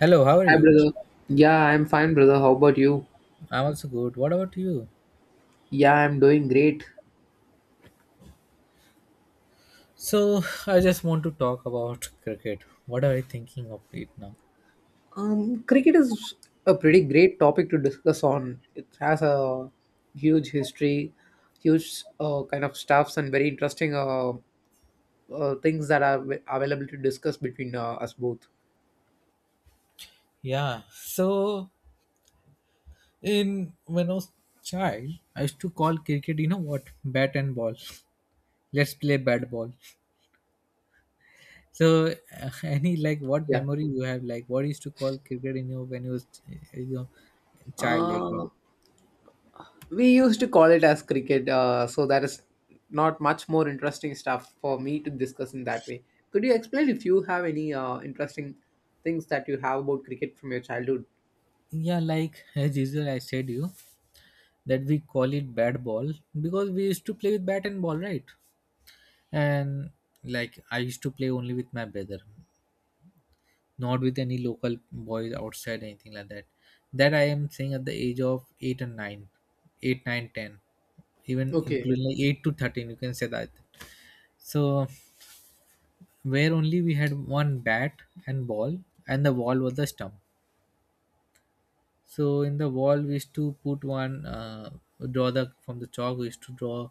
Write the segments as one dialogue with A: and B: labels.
A: Hello, how are
B: Hi,
A: you?
B: brother. Yeah, I'm fine, brother. How about you?
A: I'm also good. What about you?
B: Yeah, I'm doing great.
A: So, I just want to talk about cricket. What are you thinking of it now?
B: Cricket is a pretty great topic to discuss on. It has a huge history, huge kind of stuffs, and very interesting things that are available to discuss between us both.
A: Yeah. So, in when I was child, I used to call cricket, you know what? Bat and ball. Let's play bat ball. So, any like what
B: Yeah.
A: memory you have? Like what you used to call cricket, when you was child like that?
B: Uh, we used to call it as cricket so that is not much more interesting stuff for me to discuss in that way. Could you explain if you have any interesting things that you have about cricket from your childhood?
A: Yeah, like as usual, I said you that we call it bat ball because we used to play with bat and ball, right? And like I used to play only with my brother, not with any local boys outside anything like that. That I am saying at the age of 8 and 9, 8, 9, 10, even
B: Okay.
A: including like 8 to 13 you can say that. So where only we had one bat and ball, and the wall was the stump. So in the wall, we used to put one draw the from the chalk. We used to draw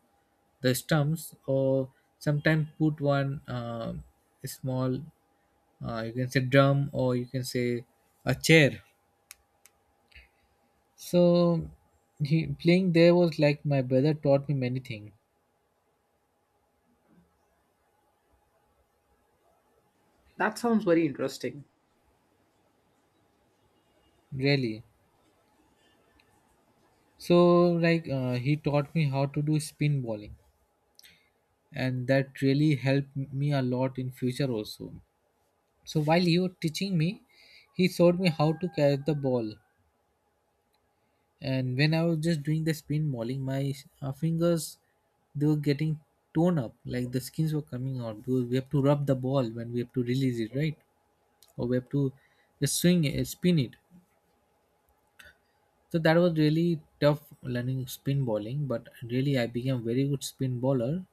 A: the stumps, or sometimes put one small, you can say drum, or you can say a chair. So playing there was like my brother taught me many things,
B: That sounds very interesting.
A: really. So like he taught me how to do spin bowling, and that really helped me a lot in future also. So while he was teaching me, he showed me how to catch the ball. And when I was just doing the spin bowling, my fingers they were getting torn up, like the skins were coming out because we have to rub the ball when we have to release it, right? Or we have to just swing it, spin it. So that was really tough learning spin bowling, but really I became a very good spin bowler.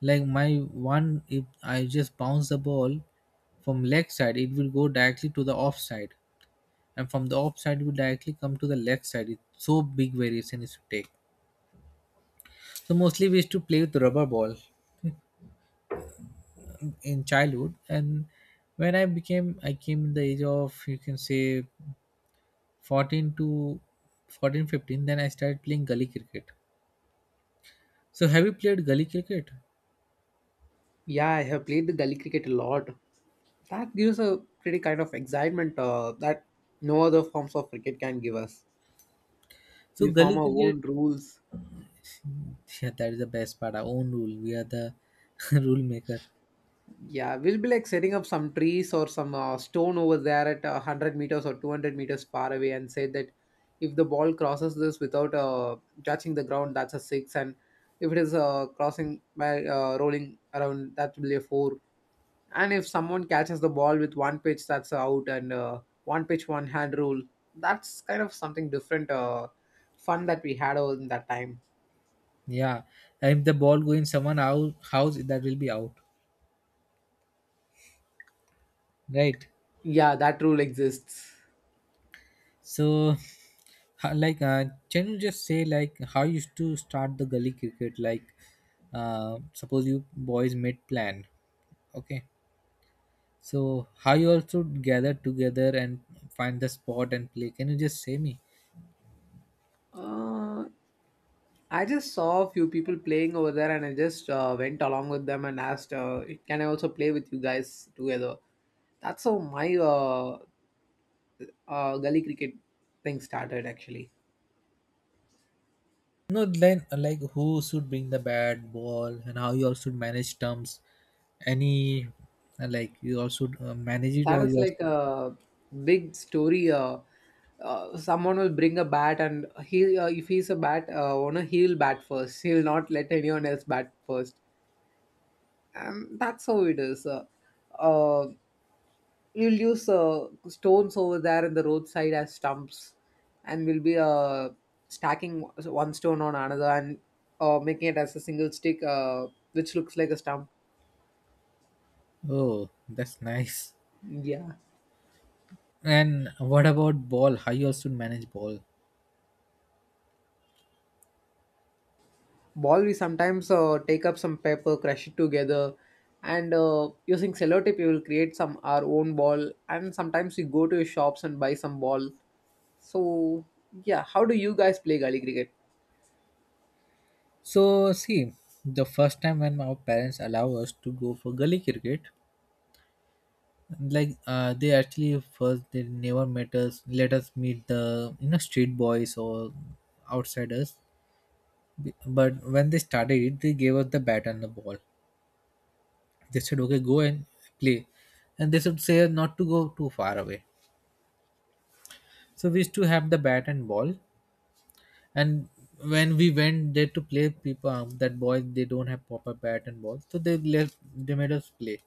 A: Like my one, if I just bounce the ball from leg side, it will go directly to the off side, and from the off side we directly come to the left side. It's so big variation is to take. So mostly we used to play with rubber ball in childhood. And when I came in the age of you can say 14 to 14 15, then I started playing gully cricket. So have you played gully cricket?
B: Yeah, I have played the gully cricket a lot. That gives a pretty kind of excitement that no other forms of cricket can give us.
A: So
B: We
A: gully
B: form our
A: cricket.
B: own rules.
A: Yeah, that is the best part. Our own rule, we are the rule maker.
B: Yeah, we'll be like setting up some trees or some stone over there at 100 meters or 200 meters far away and say that if the ball crosses this without touching the ground, that's a six. And if it is crossing by rolling around, that will be a four. And if someone catches the ball with one pitch, that's out. And one pitch, one hand rule. That's kind of something different, fun that we had over in that time.
A: Yeah. And if the ball go in someone out house, that will be out, right?
B: Yeah, that rule exists.
A: So, like, can you just say like how you used to start the gully cricket? Like, suppose you boys made plan, okay? So how you also gather together and find the spot and play? Can you just say me?
B: Uh, I just saw a few people playing over there and I just went along with them and asked, can I also play with you guys together? That's how my gully cricket thing started actually.
A: No, then like who should bring the bat, ball, and how you also manage terms? Any like you also manage it
B: That
A: or
B: is
A: you also?
B: like a big story. Someone will bring a bat and if he's a bat owner, he'll bat first. He'll not let anyone else bat first. And that's how it is. Uh, you'll use stones over there in the roadside as stumps, and we'll be stacking one stone on another and making it as a single stick which looks like a stump.
A: Oh, that's nice.
B: Yeah,
A: And what about ball? How you also manage ball?
B: ball we sometimes take up some paper, crush it together, and using sellotape we will create some our own ball. And sometimes we go to shops and buy some ball. So yeah, how do you guys play gully cricket?
A: So see, the first time when our parents allow us to go for gully cricket, like they actually first they never met us, let us meet the you know street boys or outsiders. But when they started it, they gave us the bat and the ball. They said, "Okay, go and play," and they should say not to go too far away. So we used to have the bat and ball, and when we went there to play, people that boys they don't have proper bat and ball, so they left they made us play,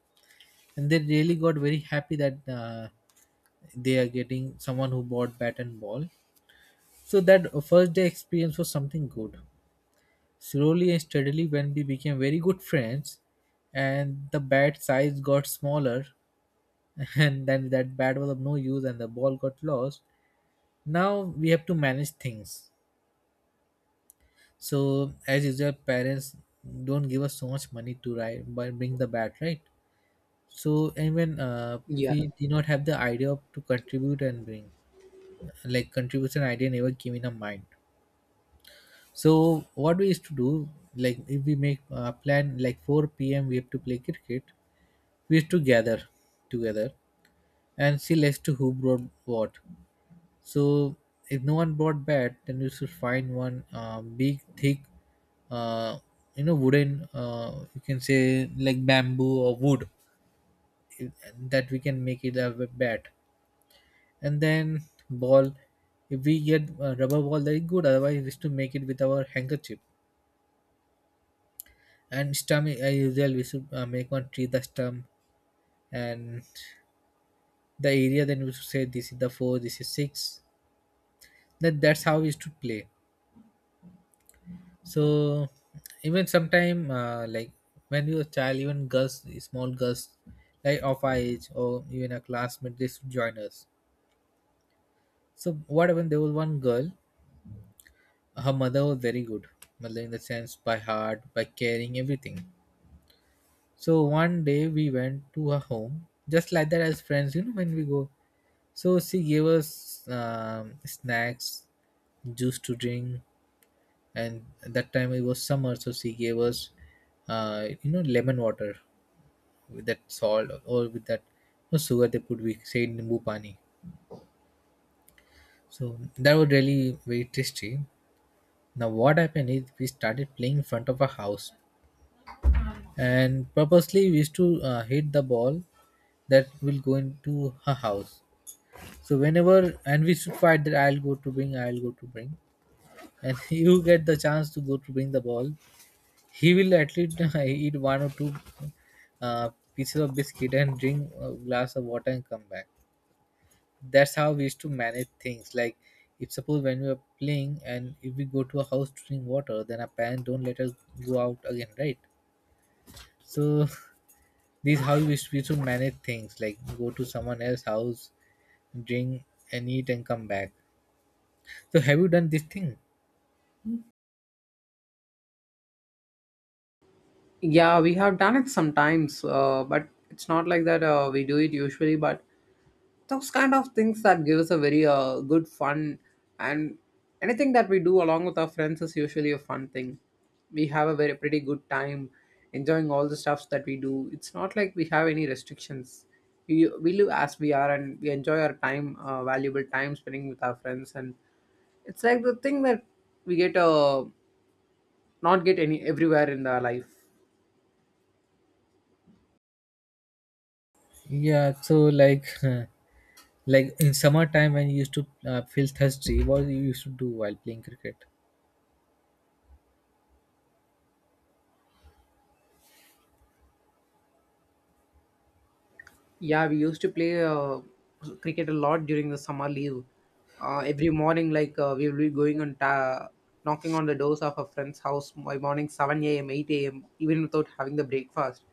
A: and they really got very happy that they are getting someone who bought bat and ball. So that first day experience was something good. Slowly and steadily, when we became very good friends, and the bat size got smaller, and then that bat was of no use, and the ball got lost. Now we have to manage things. So as usual, parents don't give us so much money to ride, bring the bat, right? So and when
B: Yeah.
A: we did not have the idea of to contribute and bring, like contribution idea never came in our mind. So what we used to do, like if we make a plan like 4 p.m we have to play cricket, we used to gather together and see as to who brought what. So if no one brought bat, then we should find one big thick uh, you know wooden you can say like bamboo or wood, eh, that we can make it a bat. And then ball, if we get a rubber ball that is good, otherwise we used to make it with our handkerchief. And stump, I usually we should make one tree the stump. And the area, then we should say this is the four, this is six. That's how we used to play. So even sometime like when you were a child, even girls, small girls, like of our age or even a classmate, they should join us. So what happened, there was one girl, her mother was very good mother, in the sense by heart by caring everything. So one day we went to her home, just like that as friends, you know, when we go. So she gave us snacks, juice to drink, and at that time it was summer, so she gave us, you know, lemon water with that salt or with that no sugar they put. We say nimbu pani. So that was really very tasty. Now what happened is we started playing in front of our house, and purposely we used to hit the ball that will go into her house. So whenever and we should fight that I'll go to bring, I'll go to bring, and you get the chance to go to bring the ball, he will at least eat one or two pieces of biscuit and drink a glass of water and come back. That's how we used to manage things. Like if suppose when we are playing and if we go to a house to drink water, then our parents don't let us go out again, right? So this is how we used to manage things. Like go to someone else's house, drink and eat and come back. So have you done this thing?
B: Yeah, we have done it sometimes, but it's not like that we do it usually. But those kind of things that give us a very good fun, and anything that we do along with our friends is usually a fun thing. We have a very pretty good time enjoying all the stuffs that we do. It's not like we have any restrictions. We live as we are, and we enjoy our time, valuable time spending with our friends, and it's like the thing that we get not get any everywhere in our life.
A: Yeah, so like like in summertime when you used to feel thirsty, what you used to do while playing cricket?
B: Yeah, we used to play cricket a lot during the summer leave. Every morning, like we will be going and knocking on the doors of a friend's house by morning 7 a.m., 8 a.m., even without having the breakfast.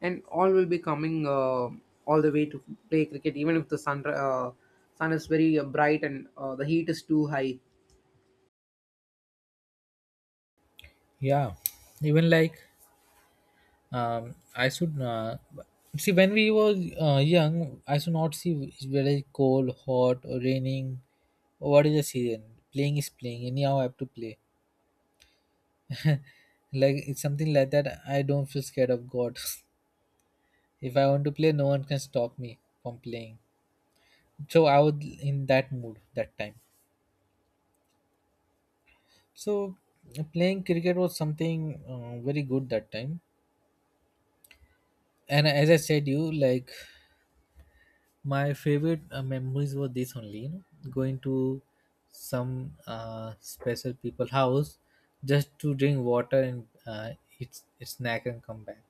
B: And all will be coming all the way to play cricket, even if the sun sun is very bright and the heat is too high.
A: Yeah. Even like I should see when we were young, I should not see whether it's cold, hot, or raining. What is the season? Playing is playing. Anyhow, I have to play. Like it's something like that. I don't feel scared of God. If I want to play, no one can stop me from playing. So I was in that mood that time. So playing cricket was something very good that time. And as I said, you like my favorite memories were this only. You know, going to some special people house just to drink water and eat snack and come back.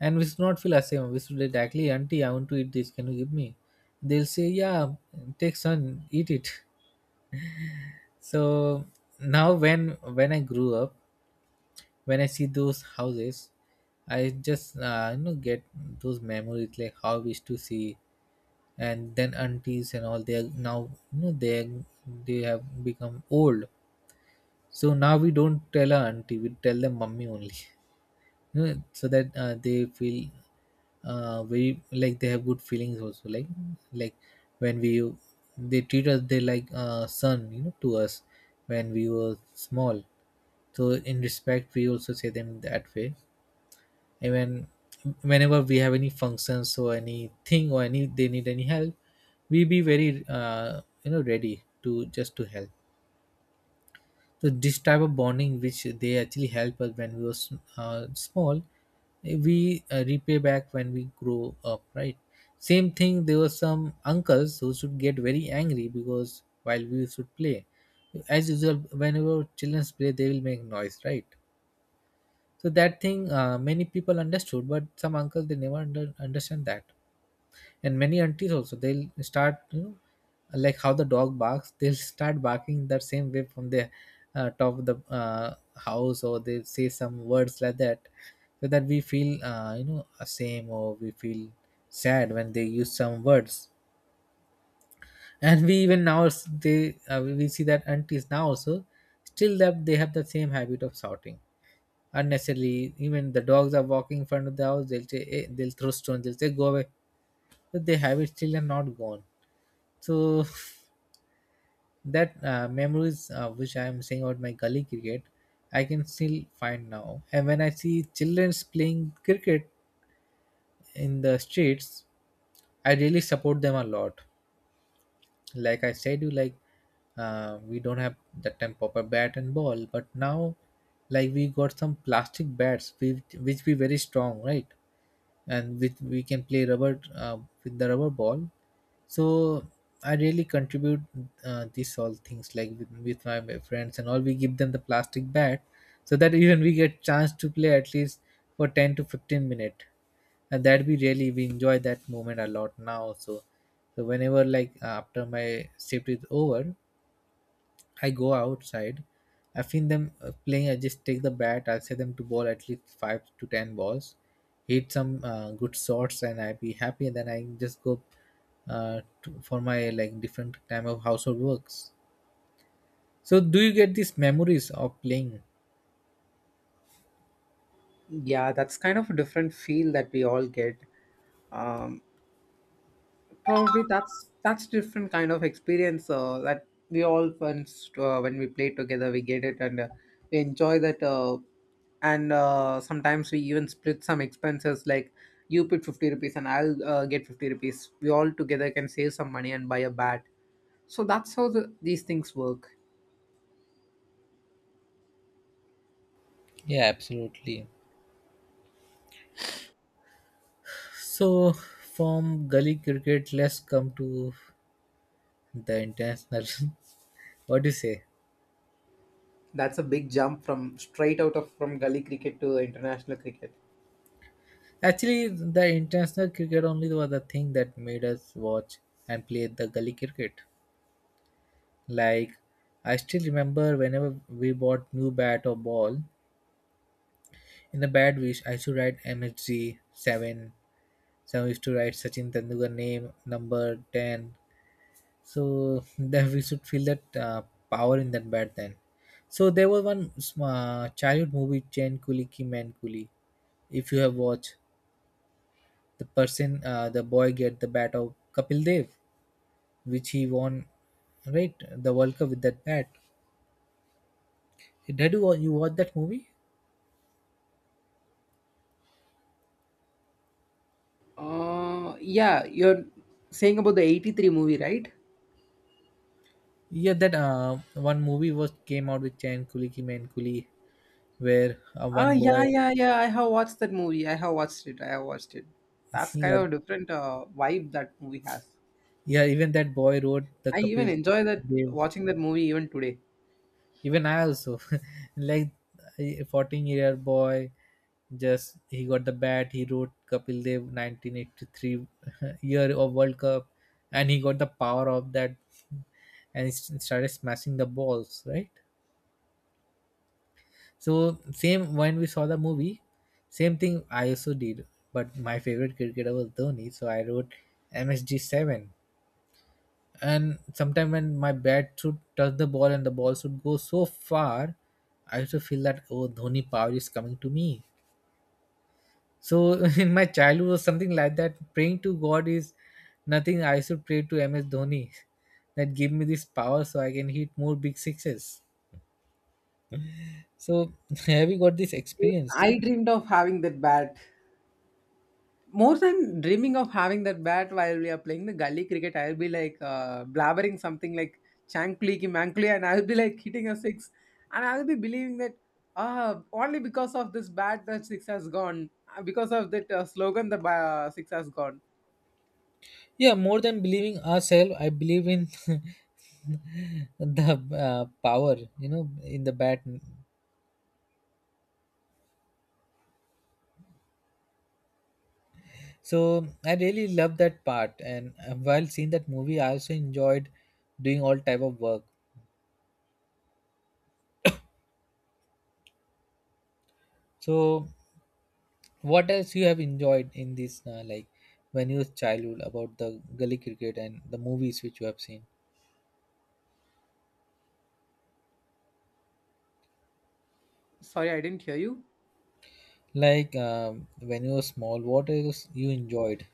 A: And we should not feel ashamed. We should directly, auntie, I want to eat this. Can you give me? They'll say, yeah, take son, eat it. So now when I grew up, when I see those houses, I just you know get those memories like how we used to see, and then aunties and all, they are now you know they have become old. So now we don't tell our auntie, we tell them mummy only, you know, so that they feel very like they have good feelings also. Like like when we they treat us, they like son you know to us when we were small. So in respect, we also say them that way. Even whenever we have any functions or anything or any they need any help, we be very you know ready to just to help. So this type of bonding which they actually help us when we were small, we repay back when we grow up, right? Same thing, there were some uncles who should get very angry because while we should play, as usual, whenever children play they will make noise, right? So that thing, many people understood, but some uncles they never understand that. And many aunties also, they'll start you know like how the dog barks, they'll start barking that same way from the top of the house, or they say some words like that, so that we feel you know same or we feel sad when they use some words. And we even now they we see that aunties now also still that they have the same habit of shouting unnecessarily. Even the dogs are walking in front of the house, they'll say, hey, they'll throw stones, they'll say, go away. But they have it still and not gone. So that memories which I am saying about my gully cricket, I can still find now. And when I see childrens playing cricket in the streets, I really support them a lot. Like I said, you like we don't have that time proper bat and ball, but now like we got some plastic bats which be very strong, right? And with we can play rubber with the rubber ball. So I really contribute these all things like with my friends and all, we give them the plastic bat so that even we get chance to play at least for 10 to 15 minute, and that we really we enjoy that moment a lot now. So so whenever like after my shift is over, I go outside. I've seen them playing. I just take the bat. I'll set them to bowl at least five to ten balls, hit some good shots, and I be happy. And then I just go for my like different time of household works. So, do you get these memories of playing?
B: Yeah, that's kind of a different feel that we all get. Um, Probably that's different kind of experience that we all once when we play together we get it, and we enjoy that, and sometimes we even split some expenses like you put 50 rupees and I'll get 50 rupees we all together can save some money and buy a bat. So that's how these things work.
A: Yeah, absolutely. So, from gully cricket, let's come to the international. What do you say?
B: That's a big jump from straight out of from gully cricket to international cricket.
A: Actually, the international cricket only was the thing that made us watch and play the gully cricket. Like, I still remember whenever we bought new bat or ball, in the bad wish I should write MHG 7. Some used to write Sachin Tendulkar name, number 10. So that we should feel that power in that bat then. So there was one childhood movie, Chain Kuli Ki Man Kuli. If you have watched, the person, the boy get the bat of Kapil Dev, which he won, right, the World Cup with that bat. Did you you watch that movie?
B: Yeah, you're saying about the 83 movie, right?
A: Yeah, that one movie was came out with Chan Kuli Ki Main Kuli, where
B: Ah
A: one
B: yeah,
A: boy,
B: yeah, yeah. I have watched that movie. I have watched it. I have watched it. That's kind
A: yeah,
B: of a different vibe that movie has.
A: yeah, even that boy wrote the
B: I even
A: Kapil
B: enjoy that
A: Dev.
B: watching that movie even today.
A: Even I also, like a 14 year boy, just he got the bat. He wrote Kapil Dev 1983 year of World Cup, and he got the power of that, and he started smashing the balls. Right? So same when we saw the movie, same thing I also did. But my favorite cricketer was Dhoni, so I wrote MSG seven. And sometime when my bat should touch the ball and the ball should go so far, I used to feel that oh Dhoni power is coming to me. So in my childhood was something like that. Praying to God is nothing. I should pray to MS Dhoni that give me this power so I can hit more big sixes. So have you got this
B: Even
A: experience?
B: I dreamed of having that bat. More than dreaming of having that bat while we are playing the gully cricket, I'll be like blabbering something like chankli ki mankli, and I'll be like hitting a six, and I'll be believing that ah only because of this bat that six has gone. Ah, because of that slogan the six has gone.
A: Yeah, more than believing ourselves, I believe in the power, you know, in the bat. So I really love that part, and while seeing that movie, I also enjoyed doing all type of work. So, what else you have enjoyed in this, like when you was childhood about the gully cricket and the movies which you have seen?
B: Sorry, I didn't hear you.
A: Like when you were small, what else you enjoyed?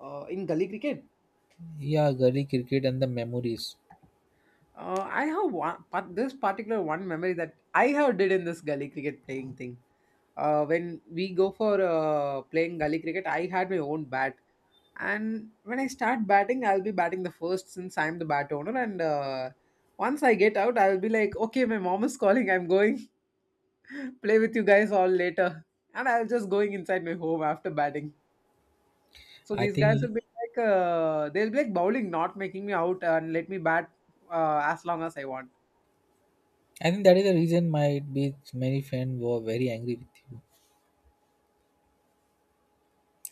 B: In gully cricket?
A: Yeah, gully cricket and the memories.
B: I have one, but this particular one memory that I have did in this gully cricket playing thing. When we go for playing gully cricket, I had my own bat, and when I start batting, I'll be batting the first since I'm the bat owner. And once I get out, I'll be like, okay, my mom is calling. I'm going play with you guys all later, and I'll just going inside my home after batting. So
A: I
B: these guys
A: think
B: will be like, they'll be like bowling, not making me out and let me bat as long as I want.
A: I think that is the reason might be many friends were very angry with you.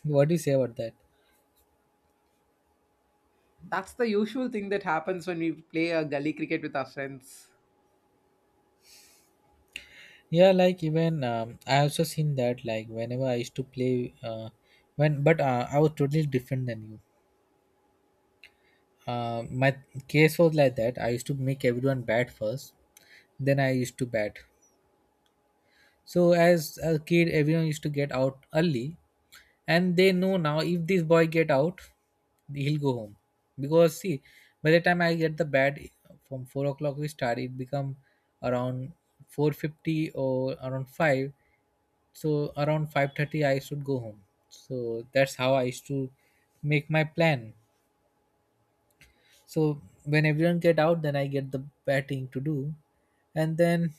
A: What do you say about that?
B: That's the usual thing that happens when we play a gully cricket with our friends.
A: Yeah, like even I also seen that like whenever I used to play, when but I was totally different than you. My case was like that. I used to make everyone bat first, then I used to bat. So as a kid, everyone used to get out early, and they know now if this boy get out, he'll go home because see, by the time I get the bat, from 4 o'clock we start, it become around 4:50 or around five. So around 5:30, I should go home. So that's how I used to make my plan. So when everyone get out, then I get the batting to do, and then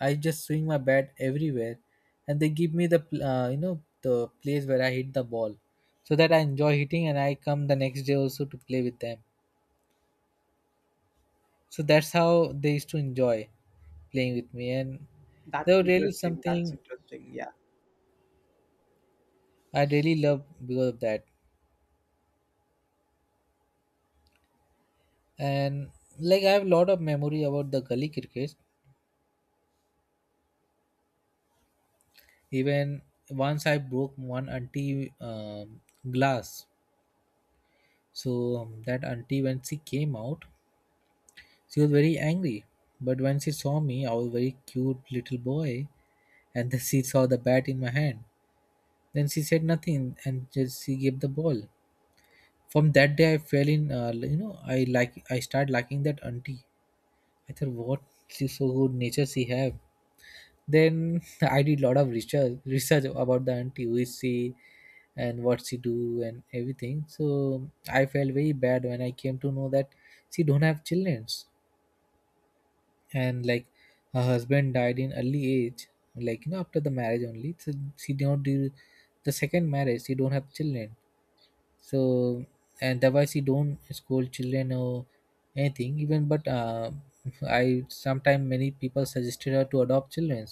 A: I just swing my bat everywhere, and they give me the you know the place where I hit the ball, so that I enjoy hitting, and I come the next day also to play with them. So that's how they used to enjoy playing with me, and
B: That's
A: they were really
B: interesting. That's
A: something
B: interesting. Yeah.
A: I really love because of that. And like I have a lot of memory about the gully cricket. Even once I broke one anti glass. So that auntie, when she came out, she was very angry. But when she saw me, I was a very cute little boy, and then she saw the bat in my hand. Then she said nothing, and just she gave the ball. From that day, I fell in. You know, I started liking that auntie. I thought, what, she's so good nature she have. Then I did lot of research about the auntie, who is she, and what she do and everything. So I felt very bad when I came to know that she don't have childrens, and like her husband died in early age, like you know after the marriage only. So she did not do the second marriage, she don't have children. So, and otherwise she don't scold children or anything even, but I sometime, many people suggested her to adopt children,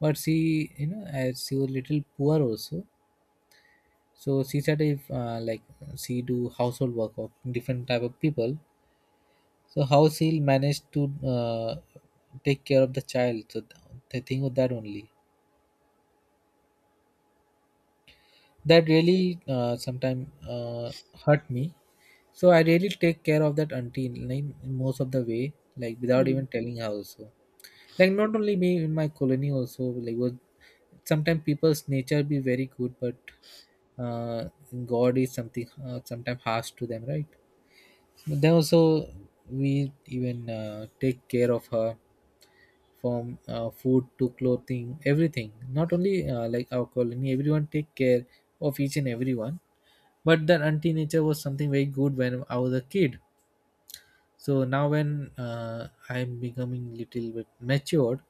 A: but she, you know, as she was little poor also, so she said if like she do household work of different type of people, so how she'll manage to uh, take care of the child? So the thing with that only, that really sometimes hurt me. So I really take care of that auntie in, like, in most of the way, like without even
B: Mm.
A: telling her also. Like not only me, in my colony also, like was sometimes people's nature be very good, but uh, God is something sometimes harsh to them, right? But then also we even take care of her from food to clothing everything, not only like our colony everyone take care of each and everyone. But that auntie nature was something very good when I was a kid. So now when I'm becoming little bit matured,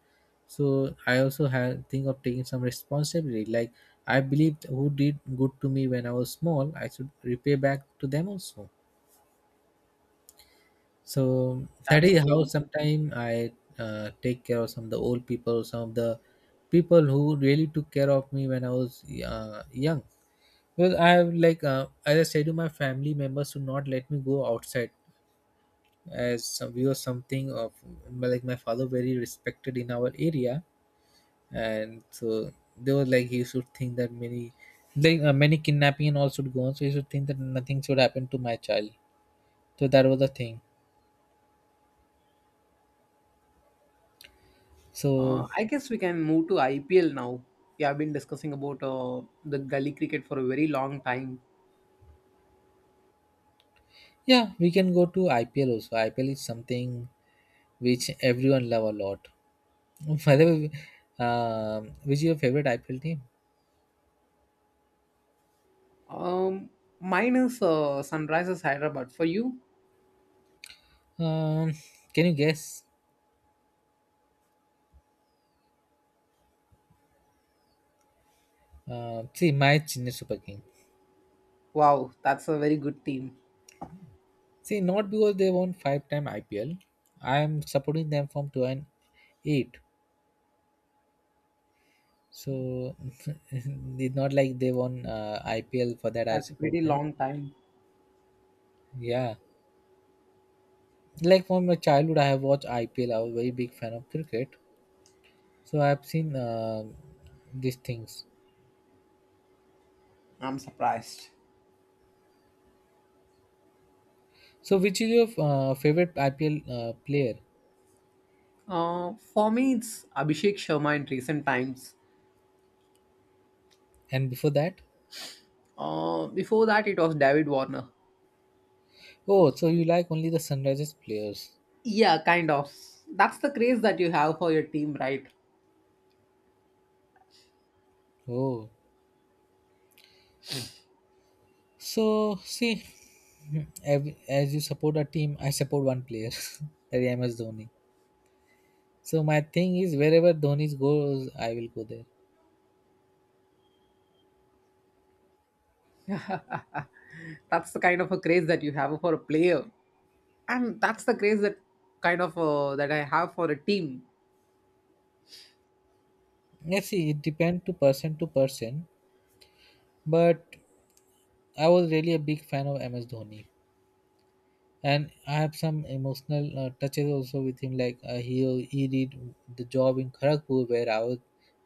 A: so I also had think of taking some responsibility, like I believed who did good to me when I was small I should repay back to them also. So that
B: That's
A: is how
B: cool.
A: sometimes I take care of some of the old people, some of the people who really took care of me when I was young. Well, I have like as I said to my family members to not let me go outside, as some, we were something of like my father very respected in our area, and so they were like he should think that many, like many kidnapping and all should go on, so he should think that nothing should happen to my child. So that was the thing. So
B: I guess we can move to IPL now. Yeah, I have been discussing about the gully cricket for a very long time.
A: yeah, we can go to IPL also. IPL is something which everyone love a lot. By the way, which is your favorite IPL team?
B: Um, mine is Sunrisers Hyderabad. For you,
A: Um, can you guess? See, my Chennai Super King.
B: wow, that's a very good team.
A: See, not because they won five-time IPL. I P L. I am supporting them from two and eight. So it's not like they won IPL for that. I
B: That's a
A: support
B: pretty
A: them.
B: long time.
A: Yeah, like from my childhood, I have watched IPL. I was a very big fan of cricket. So I've seen these things.
B: I'm surprised.
A: So which is your favorite IPL player?
B: For me, it's Abhishek Sharma in recent times.
A: And before that,
B: Before that, it was David Warner.
A: oh, so you like only the Sunrisers players?
B: Yeah, kind of. That's the craze that you have for your team, right?
A: Oh, so see, as you support a team, I support one player, that is MS Dhoni. So my thing is wherever Dhoni goes, I will go there.
B: That's the kind of a craze that you have for a player, and that's the craze that kind of that I have for a team.
A: Let's see, it depends to person, but I was really a big fan of MS Dhoni. And I have some emotional touches also with him. Like he did the job in Kharagpur where I was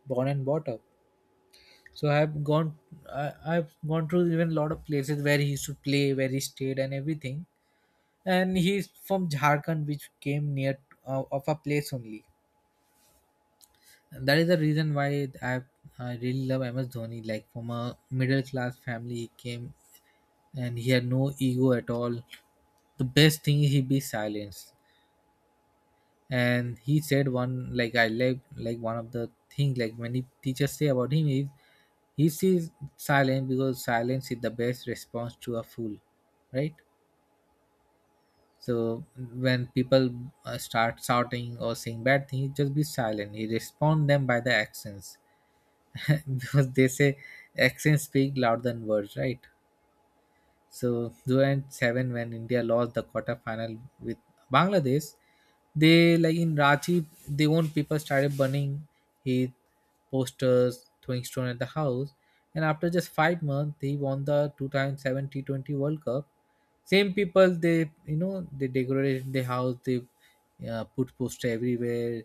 A: born and brought up. So I have gone, I've gone through even a lot of places where he used to play, where he stayed and everything. And he's from Jharkhand, which came near of a place only. And that is the reason why I really love MS Dhoni. Like from a middle class family, he came and he had no ego at all. The best thing is he be silenced and he said one like I like one of the things, like many teachers say about him is he sees silent because silence is the best response to a fool, right? So when people start shouting or saying bad things, just be silent. You respond them by the accents. Because they say accents speak louder than words, right? So 2007, when India lost the quarterfinal with Bangladesh, they, like in Ranchi, they own people started burning his posters, throwing stone at the house. And after just 5 months, he won the 2007 T20 World Cup. Same people, they, you know, they decorated the house, they put poster everywhere,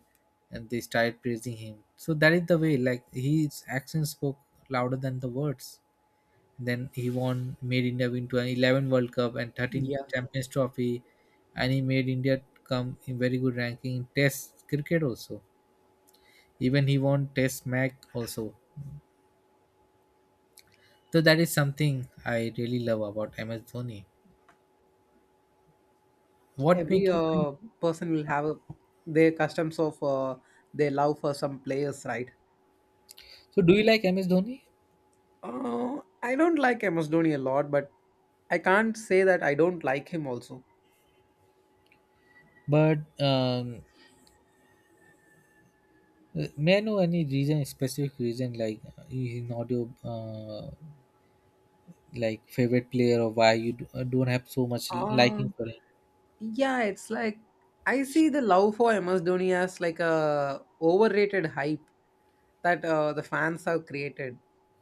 A: and they started praising him. So that is the way. Like, his actions spoke louder than the words. Then he won, made India win to an 11 World Cup and 13
B: Yeah,
A: Champions Trophy, and he made India come in very good ranking in Test cricket also. Even he won Test match also. So that is something I really love about MS Dhoni. What
B: every
A: make you feel?
B: person will have their customs of their love for some players, right?
A: So do you like MS Dhoni?
B: Uh, I don't like MS Dhoni a lot, but I can't say that I don't like him also.
A: But may I know any reason, specific reason, like he's not your like favorite player? Or why you do, don't have so much liking
B: Um,
A: for him?
B: yeah, it's like I see the love for MS Dhoni as like a overrated hype that the fans have created.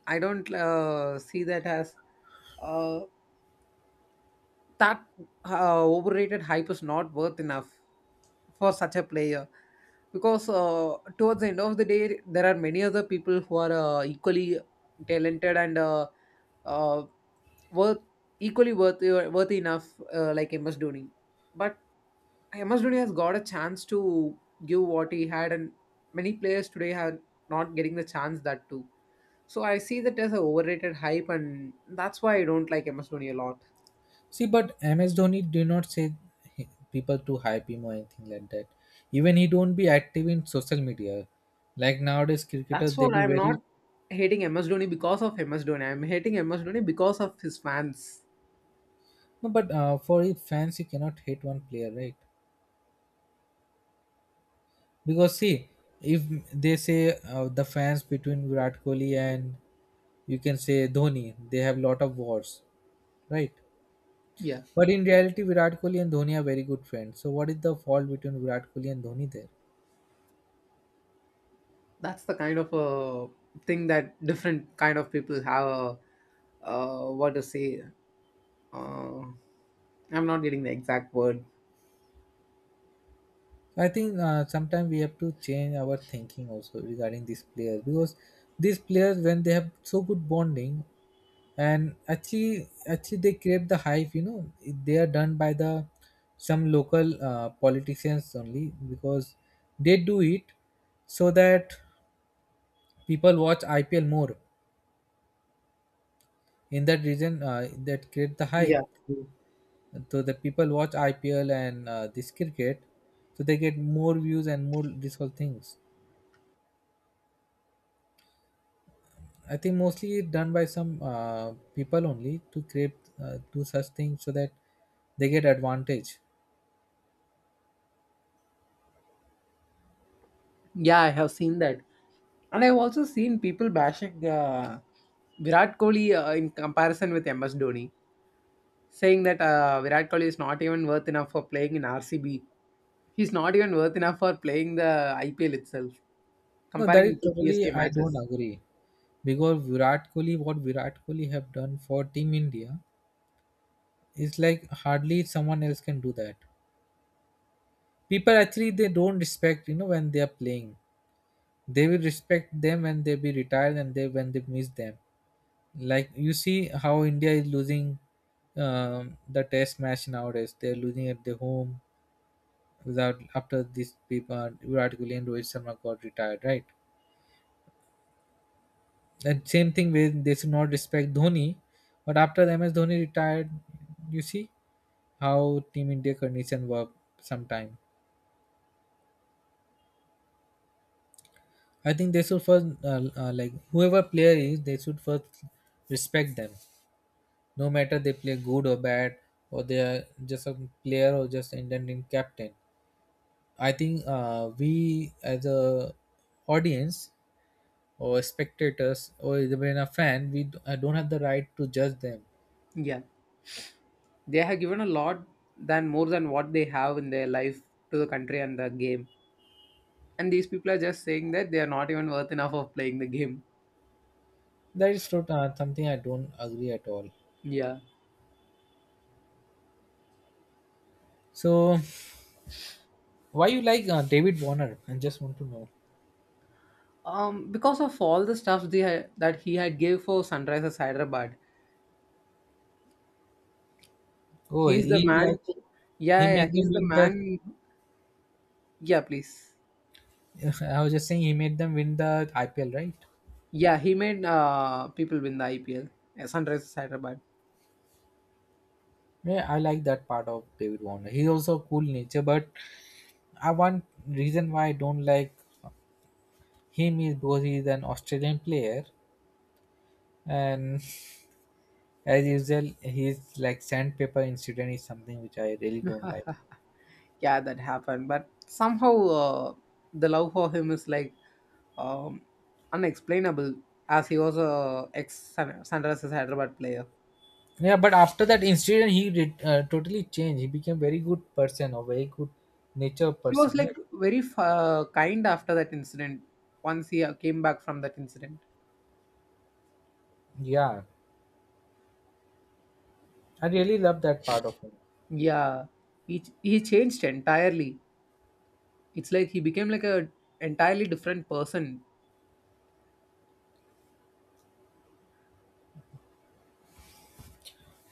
B: I don't see that as uh, that overrated hype is not worth enough for such a player because towards the end of the day there are many other people who are equally talented and uh, worth equally worth worthy enough like MS Dhoni. But Amos Dhoni has got a chance to give what he had, and many players today are not getting the chance that too. So I see that as a overrated hype, and that's why I don't like MS Dhoni a lot.
A: See, but MS Dhoni do not say people to hype him or anything like that. Even he don't be active in social media. Like nowadays, cricketers
B: That's
A: they
B: what
A: be
B: I'm not
A: very
B: hating MS Dhoni because of MS Dhoni. I'm hating MS Dhoni because of his fans.
A: no. But for it, fans, you cannot hate one player, right? Because see, if they say the fans between Virat Kohli and, you can say, Dhoni, they have lot of wars, right?
B: Yeah,
A: But in reality, Virat Kohli and Dhoni are very good friends. So what is the fault between Virat Kohli and Dhoni there?
B: that's the kind of a thing that different kind of people have. What to say? Uh, I'm not getting the exact word.
A: So, I think sometimes we have to change our thinking also regarding these players. Because these players, when they have so good bonding, and actually they create the hype, you know, they are done by the some local politicians only, because they do it so that people watch IPL more in that region. Uh, that create the
B: Yeah,
A: hype, so the people watch IPL and this cricket, so they get more views and more these whole things. I think mostly done by some people only to create, do such things so that they get advantage.
B: yeah, I have seen that. And I've also seen people bashing Virat Kohli in comparison with MS Dhoni, saying that Virat Kohli is not even worth enough for playing in RCB. He's not even worth enough for playing the IPL itself,
A: No, that
B: comparing
A: is
B: it to
A: totally
B: CSK
A: I don't
B: matches.
A: agree. Because Virat Kohli, what Virat Kohli have done for Team India is like hardly someone else can do that. People actually they don't respect, you know, when they are playing. They will respect them when they be retired and they when they miss them. Like, you see how India is losing the test match nowadays. They're losing at their home without, after these people Virat Kohli and Rohit Sharma got retired, right? And same thing with they should not respect Dhoni, but after MS Dhoni retired, you see how Team India condition work sometime. I think they should first like whoever player is, they should first respect them. No matter they play good or bad, or they are just a player or just Indian team captain. I think we as a audience or spectators or even a fan, I don't have the right to judge them.
B: Yeah, they have given a lot than more than what they have in their life to the country and the game. And these people are just saying that they are not even worth enough of playing the game.
A: Something I don't agree at all.
B: Yeah.
A: So why you like David Warner? I just want to know.
B: Because of all the stuff they had, that he had gave for Sunrisers Hyderabad,
A: Oh,
B: he's the
A: he
B: man
A: like
B: who, yeah,
A: he
B: yeah, yeah,
A: made them
B: he's the
A: win the.
B: man. Yeah, please.
A: I was just saying he made them win the IPL, right?
B: Yeah, he made people win the IPL. Yeah, Sunrisers Hyderabad.
A: Yeah, I like that part of David Warner. He's also a cool nature. But I, one reason why I don't like him is because he's an Australian player and as usual, his like sandpaper incident is something which I really don't like.
B: Yeah, that happened. But somehow uh, the love for him is like um, unexplainable, as he was a ex Sunrisers Hyderabad player.
A: Yeah, but after that incident, he did totally changed. He became very good person, or very good nature
B: He was
A: person, right?
B: like very kind after that incident. Once he came back from that incident,
A: Yeah, I really love that part of him.
B: yeah, he changed entirely. It's like he became like a entirely different person.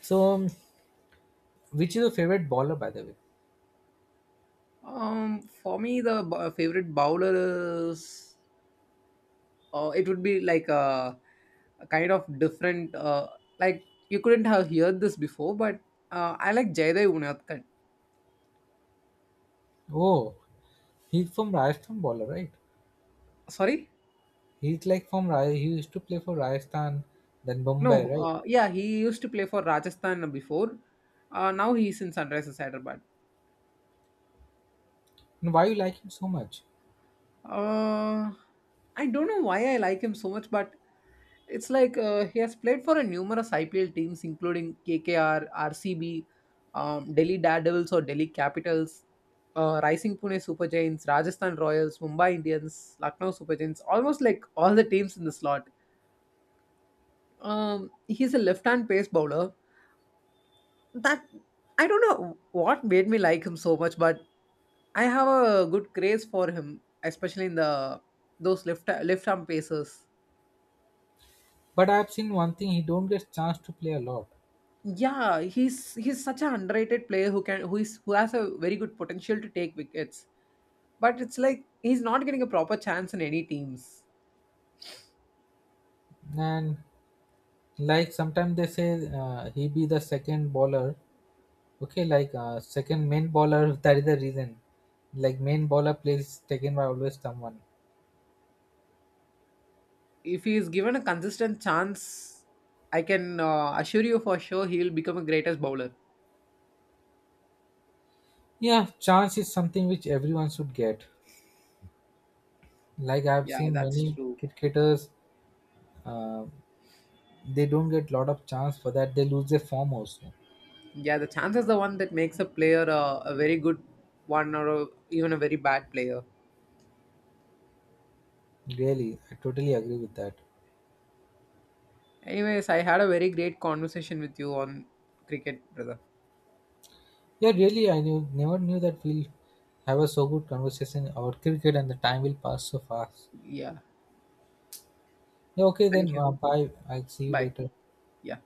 A: So, which is your favorite bowler, by the way?
B: Um for me the favorite bowler is it would be like a kind of different like you couldn't have heard this before but I like Jaydev Unadkat.
A: Oh, he's from Rajasthan bowler, right?
B: Sorry.
A: He's like from Raj. He used to play for Rajasthan, then
B: No.
A: Mumbai, right?
B: Yeah, he used to play for Rajasthan before. Now he's in Sunrisers Hyderabad.
A: And why you like him so much?
B: Uh, I don't know why I like him so much, but it's like he has played for a numerous IPL teams, including KKR, RCB, Delhi Daredevils or Delhi Capitals, Rising Pune Super Giants, Rajasthan Royals, Mumbai Indians, Lucknow Super Giants, almost like all the teams in the slot. He's a left-hand pace bowler that I don't know what made me like him so much, but I have a good craze for him, especially in the those left arm paces.
A: But I've seen one thing: he don't get chance to play a lot,
B: Yeah, he's such an underrated player who can who is who has a very good potential to take wickets. But it's like he's not getting a proper chance in any teams.
A: and like sometimes they say he be the second bowler. Okay, like second main bowler that is the reason. Like, main bowler plays taken by always someone.
B: If he is given a consistent chance, I can assure you for sure he'll become a greatest bowler.
A: Yeah, chance is something which everyone should get. Like, I've
B: Yeah,
A: seen many
B: that's true.
A: cricketers, uh, they don't get lot of chance, for that they lose their form also.
B: Yeah, the chance is the one that makes a player a very good one or even a very bad player.
A: Really, I totally agree with that.
B: Anyways, I had a very great conversation with you on cricket, brother.
A: Yeah, really, I knew never knew that we'll have a so good conversation about cricket and the time will pass so fast.
B: Yeah.
A: Yeah, okay, then
B: Thank you.
A: bye, I'll see you
B: Bye.
A: later.
B: Yeah.